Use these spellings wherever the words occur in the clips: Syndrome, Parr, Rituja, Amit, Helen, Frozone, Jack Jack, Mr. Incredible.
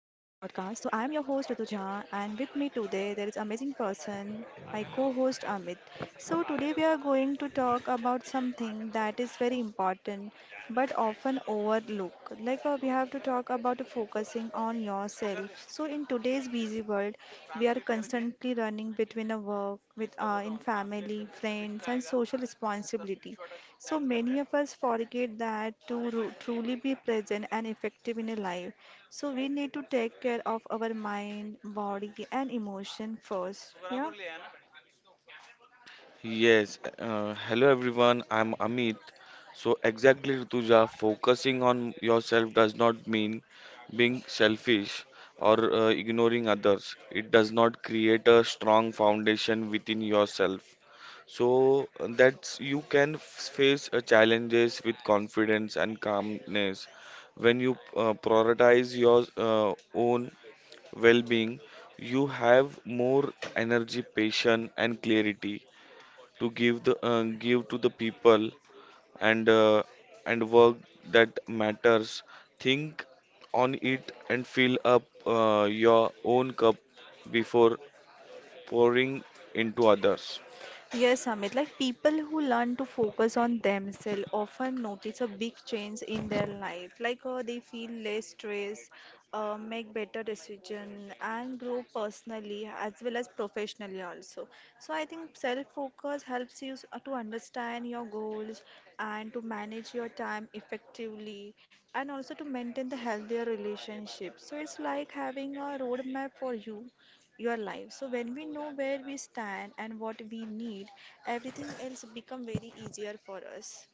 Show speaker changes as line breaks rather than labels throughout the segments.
So I am your host Rutuja and with me today there is amazing person, my co-host Amit. So today we are going to talk about something that is very important but often overlooked. We have to talk about focusing on yourself. So in today's busy world, we are constantly running between a work, with in family, friends, and social responsibility. So many of us forget that to truly be present and effective in a life, so we need to take care of our mind, body, and emotion first. Yeah.
Yes, hello everyone, I'm Amit. So, exactly Rituja, focusing on yourself does not mean being selfish or ignoring others. It does not create a strong foundation within yourself, so that you can face challenges with confidence and calmness. When you prioritize your own well being, you have more energy, patience, and clarity to give the give to the people and work that matters. Think on it and fill up your own cup before pouring into others.
Yes, Amit, like people who learn to focus on themselves often notice a big change in their life. They feel less stress, make better decision, and grow personally as well as professionally also. So I think self-focus helps you to understand your goals and to manage your time effectively, and also to maintain the healthier relationship. So it's like having a roadmap for you your life. So when we know where we stand and what we need, everything else become very easier for us.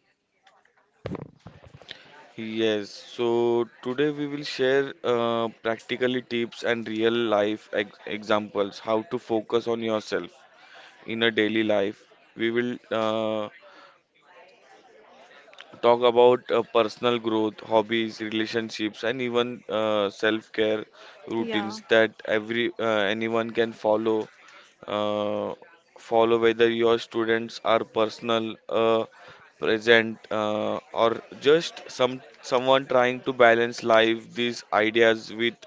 Yes, so today we will share practically tips and real life ex examples how to focus on yourself in a daily life. We will talk about personal growth, hobbies, relationships, and even self-care
Yeah.
routines that every anyone can follow. Uh, Follow whether your students are personal, present, or just someone trying to balance life. These ideas with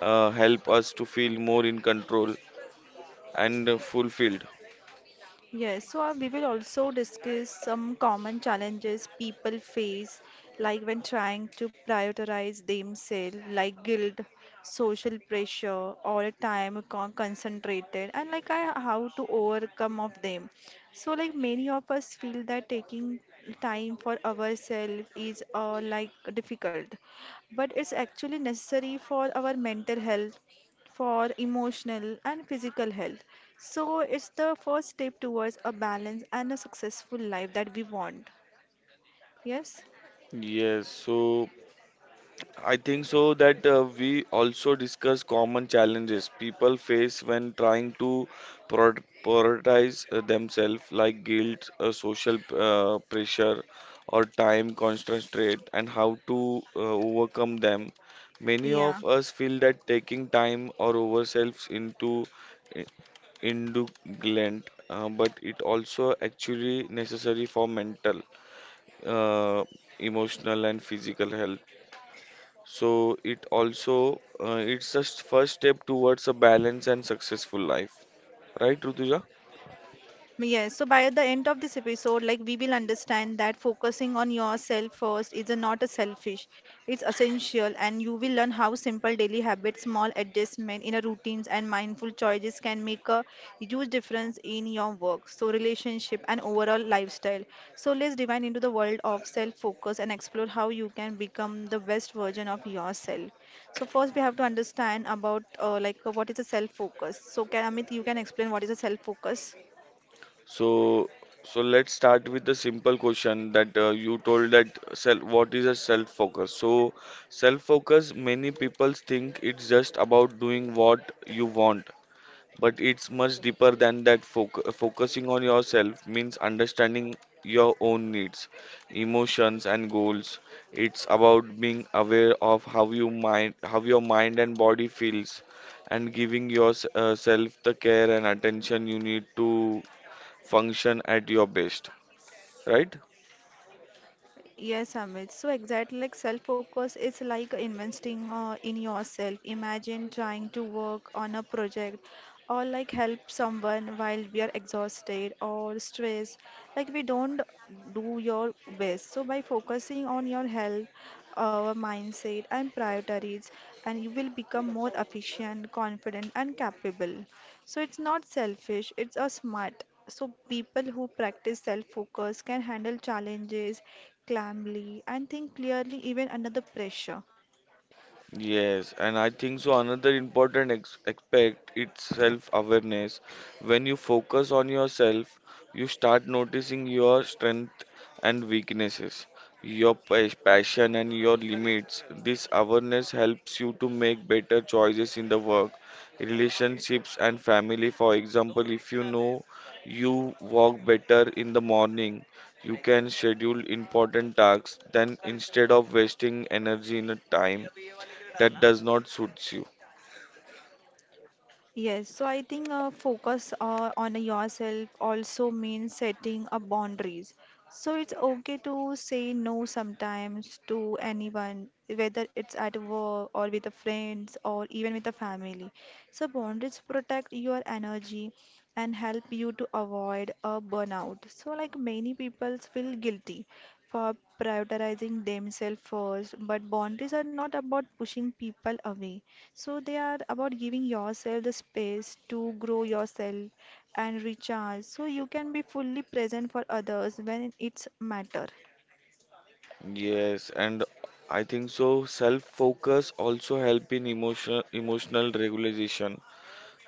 help us to feel more in control and fulfilled.
Yes, so we will also discuss some common challenges people face, like when trying to prioritize themselves, like guilt, social pressure, or time con concentrated, and like I, how to overcome of them. So like many of us feel that taking time for ourselves is like difficult, but it's actually necessary for our mental health for emotional and physical health. So it's the first step towards a balance and a successful life that we want. Yes?
Yes, so I think so that we also discuss common challenges people face when trying to prioritize themselves, like guilt, social pressure, or time constraint, and how to overcome them. Many
Yeah.
of us feel that taking time or ourselves into i- indulgent, but it also actually necessary for mental, uh, emotional, and physical health. So it's the first step towards a balanced and successful life, right, Rutuja?
Yes, so by the end of this episode, like we will understand that focusing on yourself first is a not a selfish, it's essential, and you will learn how simple daily habits, small adjustment in a routines, and mindful choices can make a huge difference in your work, so relationship, and overall lifestyle. So let's dive into the world of self-focus and explore how you can become the best version of yourself. So first, we have to understand about what is a self-focus. So can Amit, you can explain what is a self-focus?
So so let's start with the simple question that you told that self what is a self focus? So self focus, many people think it's just about doing what you want, but it's much deeper than that. Focusing on yourself means understanding your own needs, emotions, and goals. It's about being aware of how your mind and body feels, and giving yourself the care and attention you need to function at your best. Right?
Yes, Amit. So exactly like self-focus is like investing in yourself. Imagine trying to work on a project or like help someone while we are exhausted or stressed. Like we don't do your best. So by focusing on your health, our mindset and priorities, and you will become more efficient, confident, and capable. So it's not selfish, it's a smart. So people who practice self-focus can handle challenges calmly and think clearly even under the pressure.
Yes, and I think so. Another important ex aspect it's self-awareness. When you focus on yourself, you start noticing your strength and weaknesses, your passion and your limits. This awareness helps you to make better choices in the work, relationships, and family. For example, if you know you walk better in the morning, you can schedule important tasks. Then instead of wasting energy in a time that does not suits you.
Yes, so I think focus on yourself also means setting up boundaries. So it's okay to say no sometimes to anyone, whether it's at work or with the friends or even with the family. So boundaries protect your energy and help you to avoid a burnout. So like many people feel guilty for prioritizing themselves first, but boundaries are not about pushing people away. So they are about giving yourself the space to grow yourself and recharge so you can be fully present for others when it's matter.
Yes, and I think so self-focus also help in emotional regulation.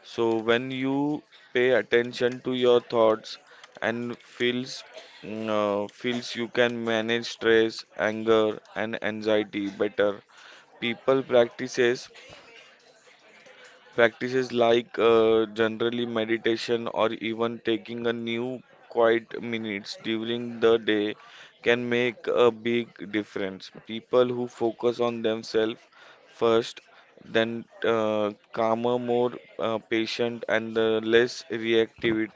So when you pay attention to your thoughts and feels you can manage stress, anger and anxiety better. People practices Practices like generally meditation or even taking a new quiet minutes during the day can make a big difference. People who focus on themselves first, then calmer, more patient, and less reactive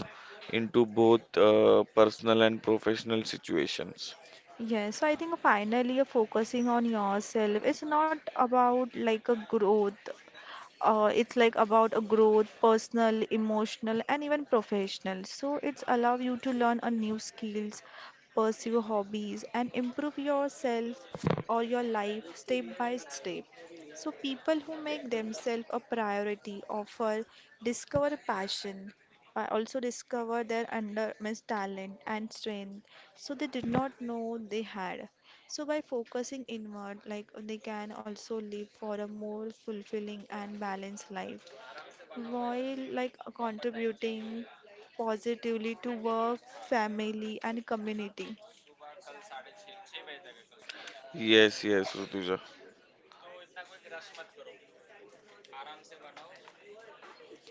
into both personal and professional situations.
Yes, so I think finally focusing on yourself it's not about like a growth. It's like about a growth, personal, emotional, and even professional. So it's allow you to learn a new skills, pursue hobbies, and improve yourself or your life step by step. So, people who make themselves a priority offer discover passion, also discover their under means talent and strength. So, they did not know they had. So, by focusing inward, like they can also live for a more fulfilling and balanced life while like contributing positively to work, family, and community.
Yes, yes, Rutuja.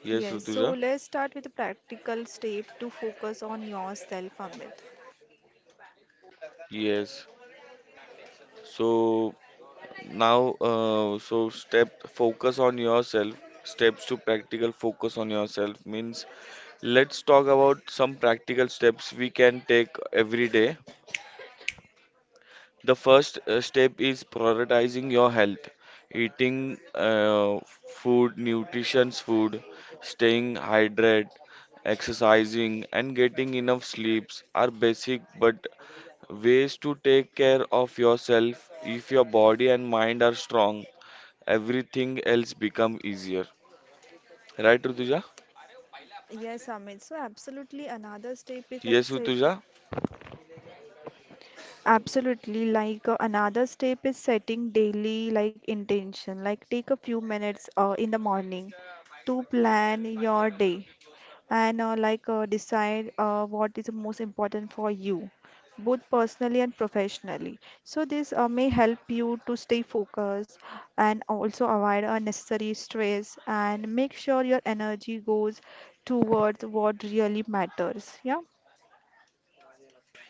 Yes,
Yes, so
Rutuja.
let's start with a practical step to focus on yourself, Amit.
Yes. So now, so step focus on yourself. Steps to practical focus on yourself means let's talk about some practical steps we can take every day. The first step is prioritizing your health, eating nutritious food, staying hydrated, exercising, and getting enough sleeps are basic but ways to take care of yourself. If your body and mind are strong, everything else become easier. Right, Rutuja?
Yes, Amit. So absolutely another step is like
Yes,
setting.
Rutuja?
Absolutely, another step is setting daily like intention. Like take a few minutes in the morning to plan your day and decide what is the most important for you, both personally and professionally. So this may help you to stay focused and also avoid unnecessary stress and make sure your energy goes towards what really matters. Yeah.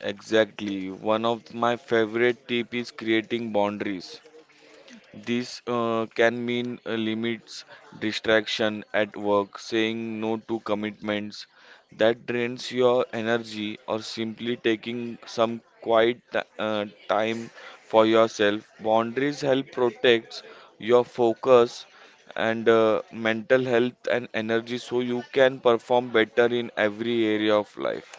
Exactly. One of my favorite tip is creating boundaries. This can mean limits, distraction at work, saying no to commitments that drains your energy, or simply taking some time for yourself. Boundaries help protect your focus and mental health and energy so you can perform better in every area of life.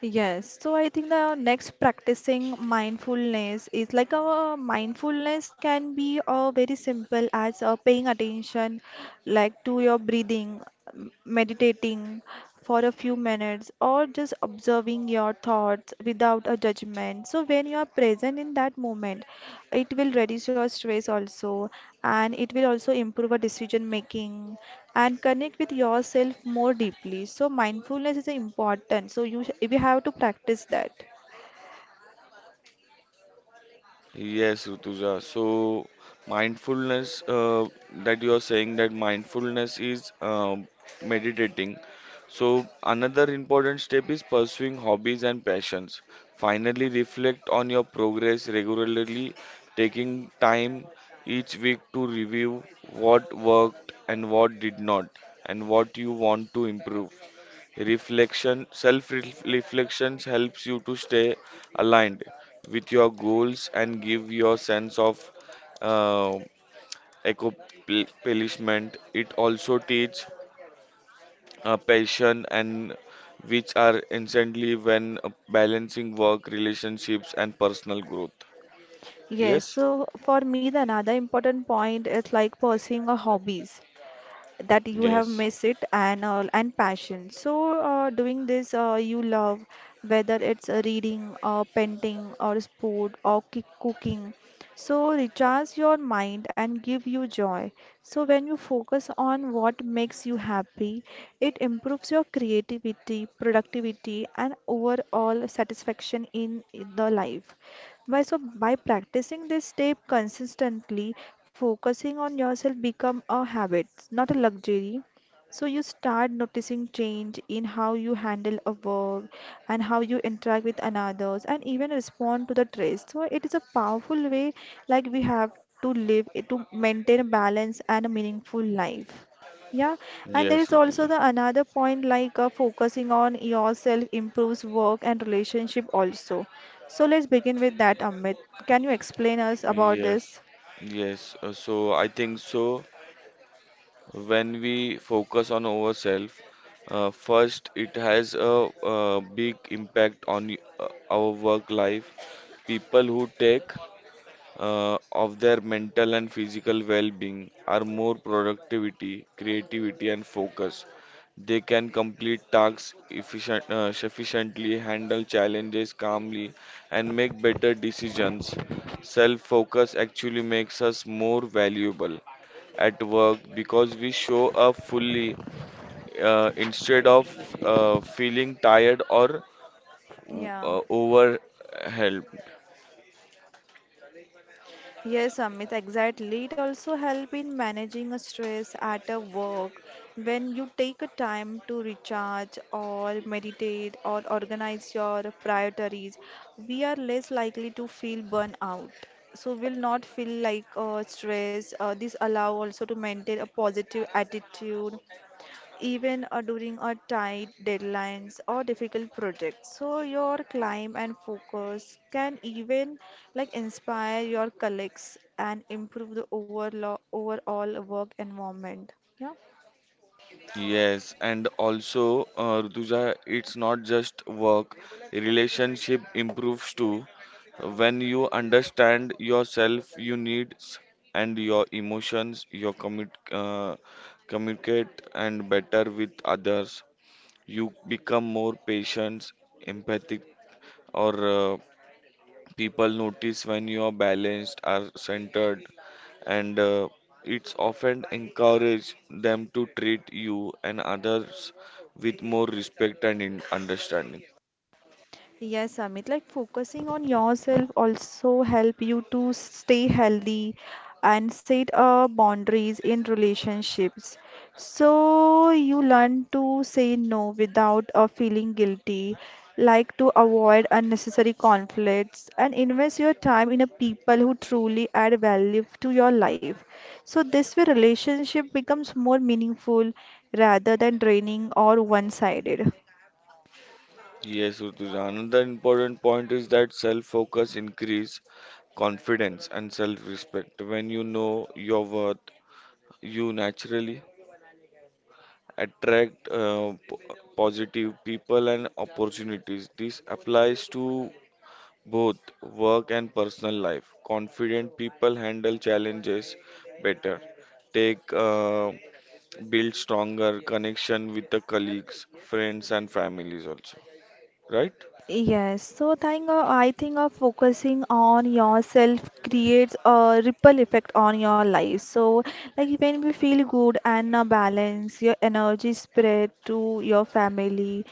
Yes, so I think the next practicing mindfulness is like a mindfulness can be a very simple as paying attention like to your breathing, meditating for a few minutes or just observing your thoughts without a judgment. So when you are present in that moment, it will reduce your stress also and it will also improve a decision making and connect with yourself more deeply. So mindfulness is important. So you we have to practice that.
Yes, Rutuja. So, mindfulness that you are saying that mindfulness is meditating. So, another important step is pursuing hobbies and passions. Finally, reflect on your progress regularly, taking time each week to review what worked and what did not, and what you want to improve. Reflection, self reflections helps you to stay aligned with your goals and give your sense of uh, accomplishment. It also teach passion and which are instantly when balancing work, relationships, and personal growth.
Yes,
Yes,
so for me, the another important point is like pursuing a hobbies. That you have
yes,
missed it and passion. So doing this you love, whether it's reading, painting, or sport, or cooking. So recharge your mind and give you joy. So when you focus on what makes you happy, it improves your creativity, productivity, and overall satisfaction in the life. By so by practicing this step consistently, focusing on yourself become a habit, not a luxury. So you start noticing change in how you handle a work and how you interact with another and even respond to the stress. So it is a powerful way like we have to live it to maintain a balance and a meaningful life. Yeah, and there
yes,
is also
Rutuja.
the another point focusing on yourself improves work and relationship also. So let's begin with that, Amit. Can you explain us about
Yes,
this?
yes. So I think so. When we focus on ourselves first, it has a big impact on our work life. People who take of their mental and physical well-being are more productivity, creativity, and focus. They can complete tasks efficiently, handle challenges calmly, and make better decisions. Self-focus actually makes us more valuable at work because we show up fully instead of feeling tired or
Yeah.
overwhelmed.
Yes, Amit, exactly. It also help in managing a stress at a work. When you take a time to recharge or meditate or organize your priorities, we are less likely to feel burn out. So we'll not feel stress. This allow also to maintain a positive attitude even during a tight deadlines or difficult projects. So your climb and focus can even like inspire your colleagues and improve the overall work environment. Yeah.
Yes, and also, Rutuja, it's not just work, relationship improves too. When you understand yourself, your needs, and your emotions, you communicate and better with others. You become more patient, empathic, or people notice when you are balanced are centered and it's often encourage them to treat you and others with more respect and in understanding.
Yes, Amit, like focusing on yourself also help you to stay healthy and set boundaries in relationships. So you learn to say no without feeling guilty, like to avoid unnecessary conflicts and invest your time in a people who truly add value to your life. So this way relationship becomes more meaningful rather than draining or one-sided.
Yes, Rutuja. Another important point is that self-focus increase confidence and self-respect. When you know your worth, you naturally attract positive people and opportunities. This applies to both work and personal life. Confident people handle challenges better, take build stronger connection with the colleagues, friends, and families also. Right?
Yes, so think of, I think of focusing on yourself creates a ripple effect on your life. So, like when we feel good and a balance, your energy spread to your family,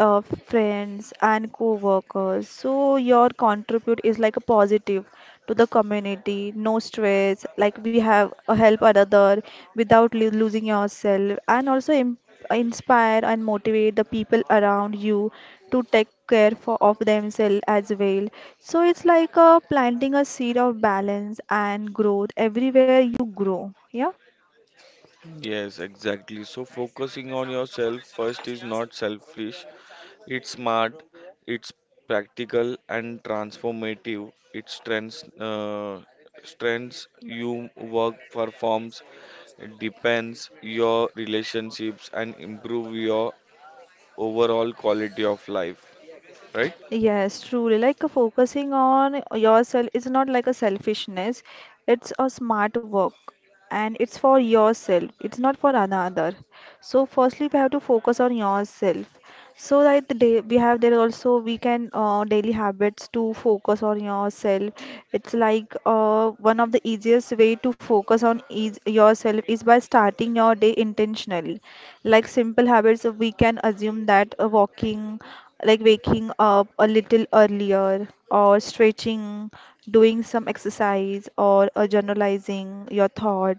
uh, friends and co-workers so your contribute is like a positive to the community no stress like we have help another without losing yourself and also inspire and motivate the people around you to take care for of themselves as well, so it's planting a seed of balance and growth everywhere you grow. Yeah.
Yes, exactly. So focusing on yourself first is not selfish. It's smart, it's practical and transformative. It strengths you work performs, depends your relationships and improve your overall quality of life. Right?
Yes, truly. Focusing on yourself is not like a selfishness. It's a smart work and it's for yourself. It's not for another. So firstly, we have to focus on yourself. So that the day we have there also we can daily habits to focus on yourself. It's one of the easiest way to focus on is yourself is by starting your day intentionally. Like simple habits, we can assume that walking like waking up a little earlier or stretching, doing some exercise or generalizing your thought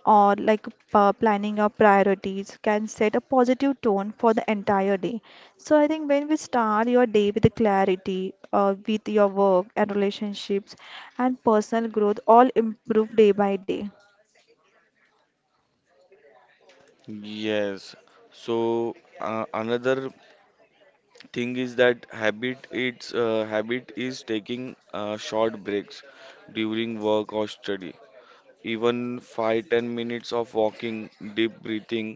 or planning your priorities can set a positive tone for the entire day. So I think when we start your day with the clarity with your work and relationships and personal growth all improve day by day.
Yes. So another thing is that habit is taking short breaks during work or study, even 5-10 minutes of walking, deep breathing,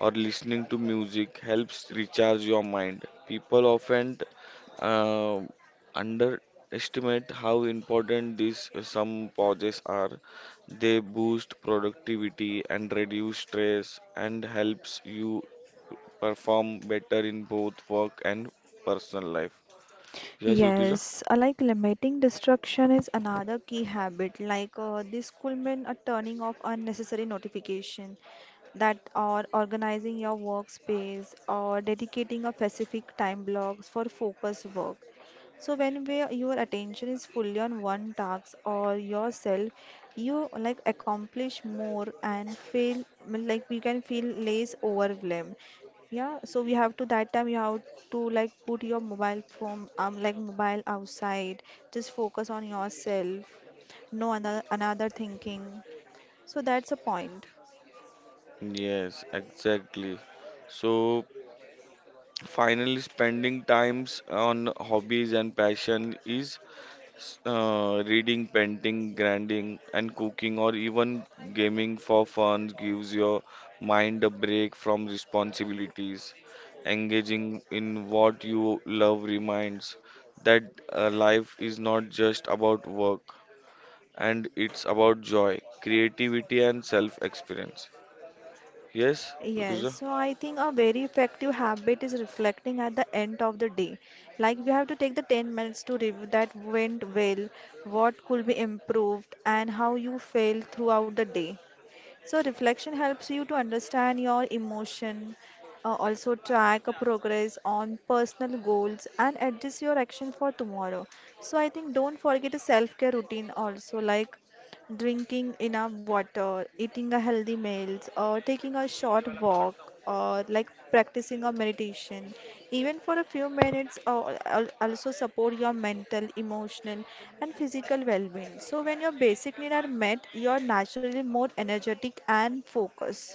or listening to music helps recharge your mind. People often uh, underestimate how important these some pauses are. They boost productivity and reduce stress and helps you perform better in both work and personal life. Yes, Rutuja?
Yes, like limiting destruction is another key habit. This could mean a turning off unnecessary notification that or organizing your workspace or dedicating a specific time blocks for focus work. So when we, your attention is fully on one task or yourself, you like accomplish more and feel mean, like you can feel less overwhelmed. Yeah, so we have to that time you have to like put your mobile phone like mobile outside. Just focus on yourself. No another thinking. So that's a point.
Yes, exactly. So finally, spending times on hobbies and passion is reading, painting, grinding, and cooking, or even gaming for fun gives your mind a break from responsibilities. Engaging in what you love reminds that life is not just about work, and it's about joy, creativity, and self experience. Yes,
Yes,
Rutuja?
so I think a very effective habit is reflecting at the end of the day. Like we have to take the 10 minutes to review that went well, what could be improved, and how you felt throughout the day. So reflection helps you to understand your emotion, also track a progress on personal goals and adjust your action for tomorrow. So I think don't forget a self-care routine also like drinking enough water, eating a healthy meals, or taking a short walk, or like practicing a meditation, even for a few minutes, or also support your mental, emotional, and physical well-being. So when your basic needs are met, you're naturally more energetic and focused.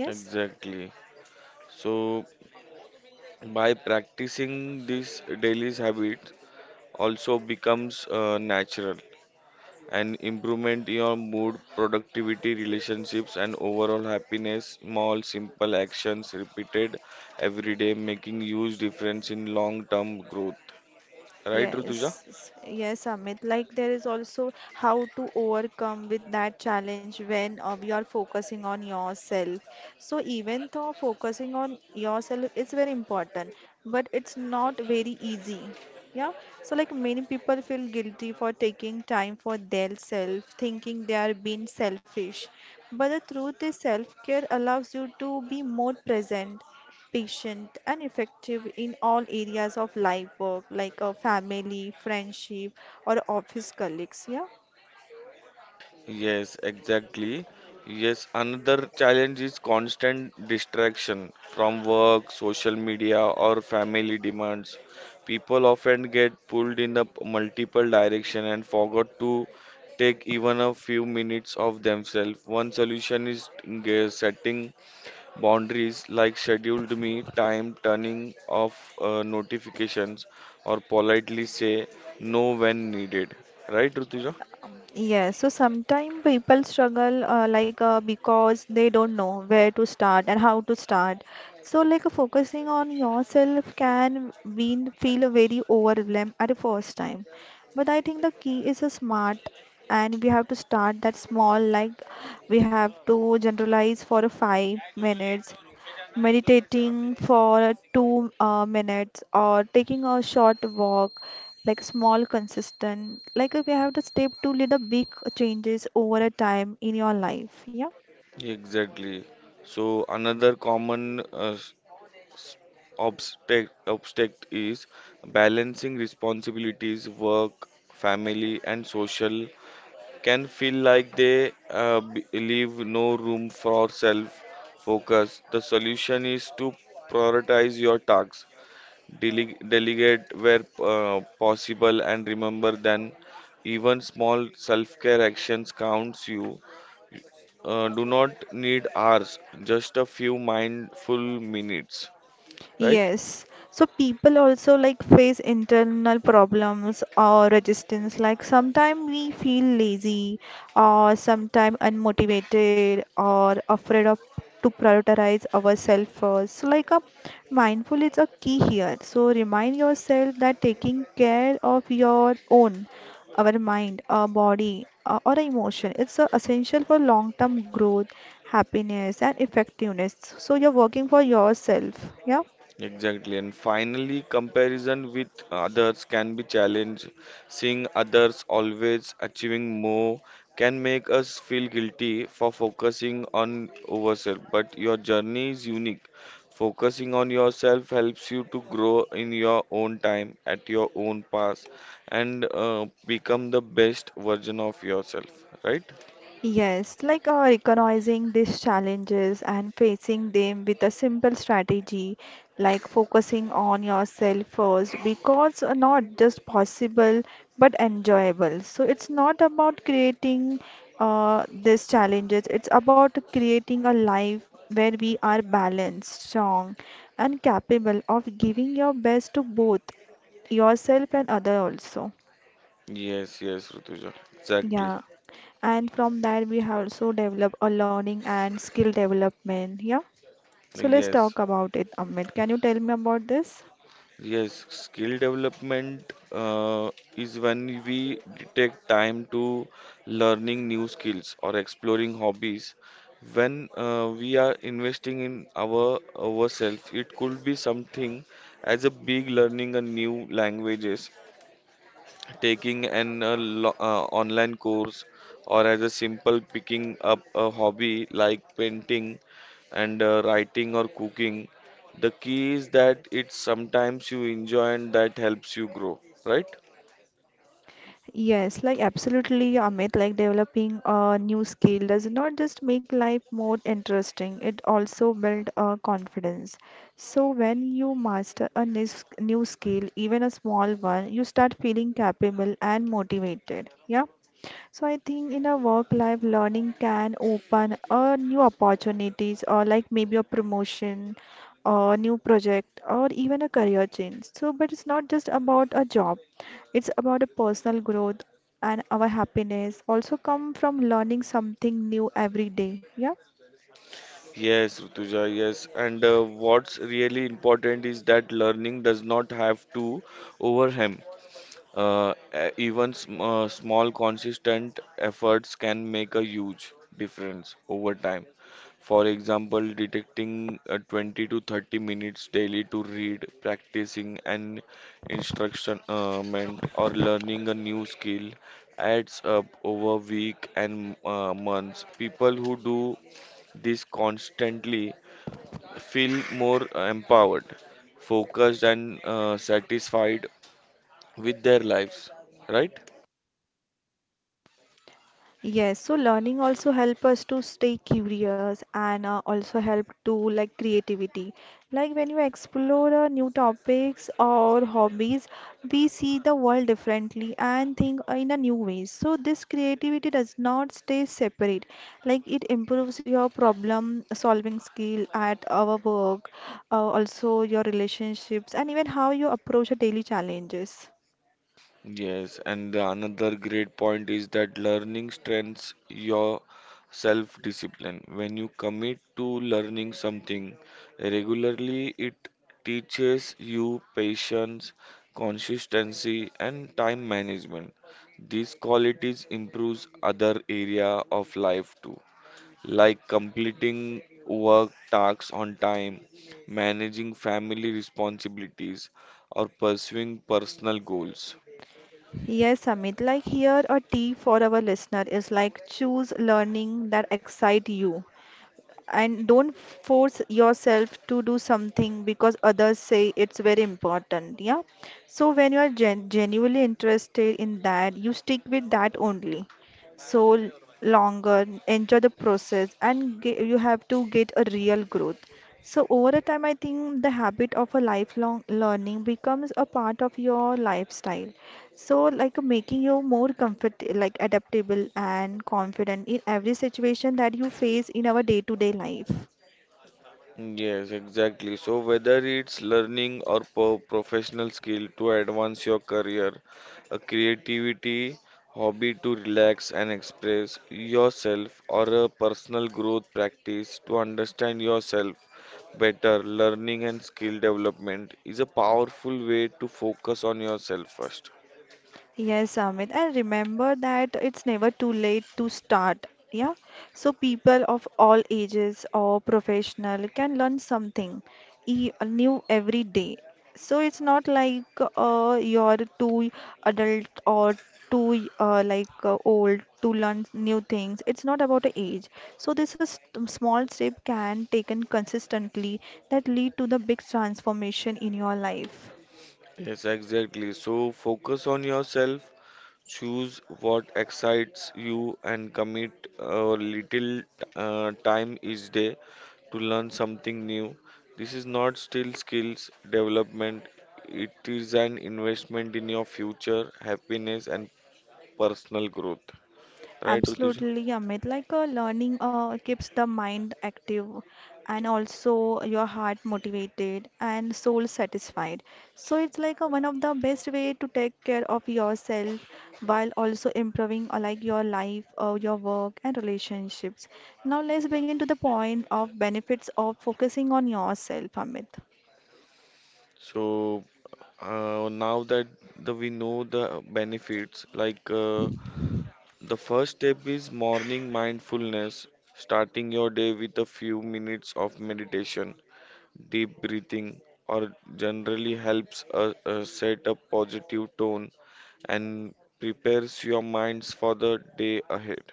Yes.
Exactly. So, by practicing this daily habit, also becomes natural and improvement in your mood, productivity, relationships, and overall happiness. Small, simple actions repeated every day, making huge difference in long-term growth. Right, Rutuja?
Yes, yes, Amit. Like there is also how to overcome with that challenge when you are focusing on yourself. So even though focusing on yourself is very important, but it's not very easy. Yeah, so like many people feel guilty for taking time for their self, thinking they are being selfish. But the truth is, self care allows you to be more present, patient, and effective in all areas of life work, like a family, friendship, or office colleagues. Yeah.
Yes, exactly. Yes, another challenge is constant distraction from work, social media, or family demands. People often get pulled in the multiple direction and forgot to take even a few minutes of themselves. One solution is setting boundaries like scheduled me time, turning off notifications, or politely say no when needed. Right, Rutuja?
Yes, so sometimes people struggle because they don't know where to start and how to start. So focusing on yourself can be feel very overwhelmed at the first time. But I think the key is a smart and we have to start that small like we have to generalize for 5 minutes meditating for two minutes or taking a short walk like small consistent we have the step to lead the big changes over a time in your life, yeah.
Exactly. So another common obstacle is balancing responsibilities, work, family, and social can feel like they leave no room for self focus. The solution is to prioritize your tasks, delegate where possible, and remember then even small self-care actions counts you do not need hours, just a few mindful minutes, right?
Yes. So people also like face internal problems or resistance. Like sometimes we feel lazy or sometimes unmotivated or afraid of to prioritize ourselves first. So like a mindful is a key here. So remind yourself that taking care of your own, our mind, our body, or emotion, it's essential for long-term growth, happiness, and effectiveness. So you're working for yourself. Yeah.
Exactly. And finally, comparison with others can be challenged. Seeing others always achieving more can make us feel guilty for focusing on ourselves. But your journey is unique. Focusing on yourself helps you to grow in your own time, at your own pace, and become the best version of yourself, right?
Yes, recognizing these challenges and facing them with a simple strategy, like focusing on yourself first, because not just possible but enjoyable. So it's not about creating these challenges, it's about creating a life where we are balanced, strong, and capable of giving your best to both yourself and other also.
Yes, yes, Rutuja. Exactly.
Yeah. And from that, we have also developed a learning and skill development. Yeah. So let's
Yes,
talk about it, Amit. Can you tell me about this?
yes. Skill development is when we detect time to learning new skills or exploring hobbies. When we are investing in ourselves, it could be something as a big learning a new languages, taking an online course, or as a simple picking up a hobby like painting and writing or cooking, the key is that it's sometimes you enjoy and that helps you grow, right?
Yes, like absolutely, Amit, like developing a new skill does not just make life more interesting, it also builds confidence. So when you master a new skill, even a small one, you start feeling capable and motivated. Yeah. So I think in a work life, learning can open new opportunities or like maybe a promotion, a new project, or even a career change. So, but it's not just about a job, it's about a personal growth and our happiness also come from learning something new every day. Yeah.
Yes, Rutuja. Yes, and what's really important is that learning does not have to overwhelm. Even sm small consistent efforts can make a huge difference over time. For example, detecting 20 to 30 minutes daily to read, practicing an instructionment, or learning a new skill adds up over week and months. People who do this constantly feel more empowered, focused, and satisfied with their lives, right?
Yes, so learning also help us to stay curious and also help to like creativity. Like when you explore new topics or hobbies, we see the world differently and think in a new ways. So this creativity does not stay separate. Like it improves your problem solving skill at our work, also your relationships and even how you approach a daily challenges.
Yes, and the another great point is that learning strengthens your self discipline. When you commit to learning something regularly, it teaches you patience, consistency, and time management. These qualities improves other area of life too, like completing work tasks on time, managing family responsibilities, or pursuing personal goals.
Yes, Amit, like here, a tea for our listener is like choose learning that excite you and don't force yourself to do something because others say it's very important. Yeah. So when you are genuinely interested in that, you stick with that only. So longer, enjoy the process and ge you have to get a real growth. So over a time, I think the habit of a lifelong learning becomes a part of your lifestyle, so like making you more comfort, like adaptable and confident in every situation that you face in our day-to-day life.
Yes, exactly. So whether it's learning or professional skill to advance your career, a creativity, hobby to relax and express yourself, or a personal growth practice to understand yourself better, learning and skill development is a powerful way to focus on yourself first.
Yes, Amit, and remember that it's never too late to start. Yeah, so people of all ages or professional can learn something e new every day. So it's not like you're too adult or too old to learn new things. It's not about the age. So this is small step can taken consistently that lead to the big transformation in your life.
Yes, exactly. So focus on yourself. Choose what excites you and commit a little time each day to learn something new. This is not still skills development, it is an investment in your future happiness and personal growth. Right, Rutuja?
Absolutely, Amit. Learning keeps the mind active and also your heart motivated and soul satisfied. So it's like a one of the best way to take care of yourself while also improving your life, your work and relationships. Now let's begin to the point of benefits of focusing on yourself, Amit.
So now that we know the benefits, like the first step is morning mindfulness, starting your day with a few minutes of meditation, deep breathing or generally helps set a positive tone and prepares your minds for the day ahead.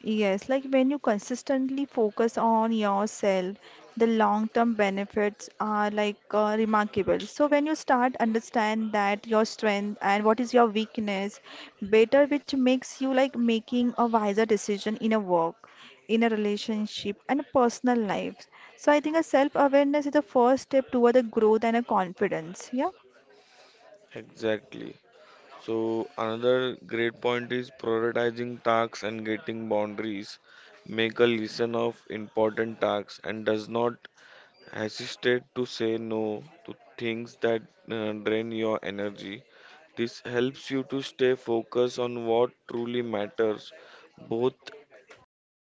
Yes, like when you consistently focus on yourself, the long-term benefits are remarkable. So when you start understand that your strength and what is your weakness better, which makes you like making a wiser decision in a work, in a relationship and personal life. So I think a self-awareness is the first step toward the growth and a confidence. Yeah.
Exactly. So another great point is prioritizing tasks and getting boundaries. Make a list of important tasks and does not hesitate to say no to things that drain your energy. This helps you to stay focused on what truly matters, both at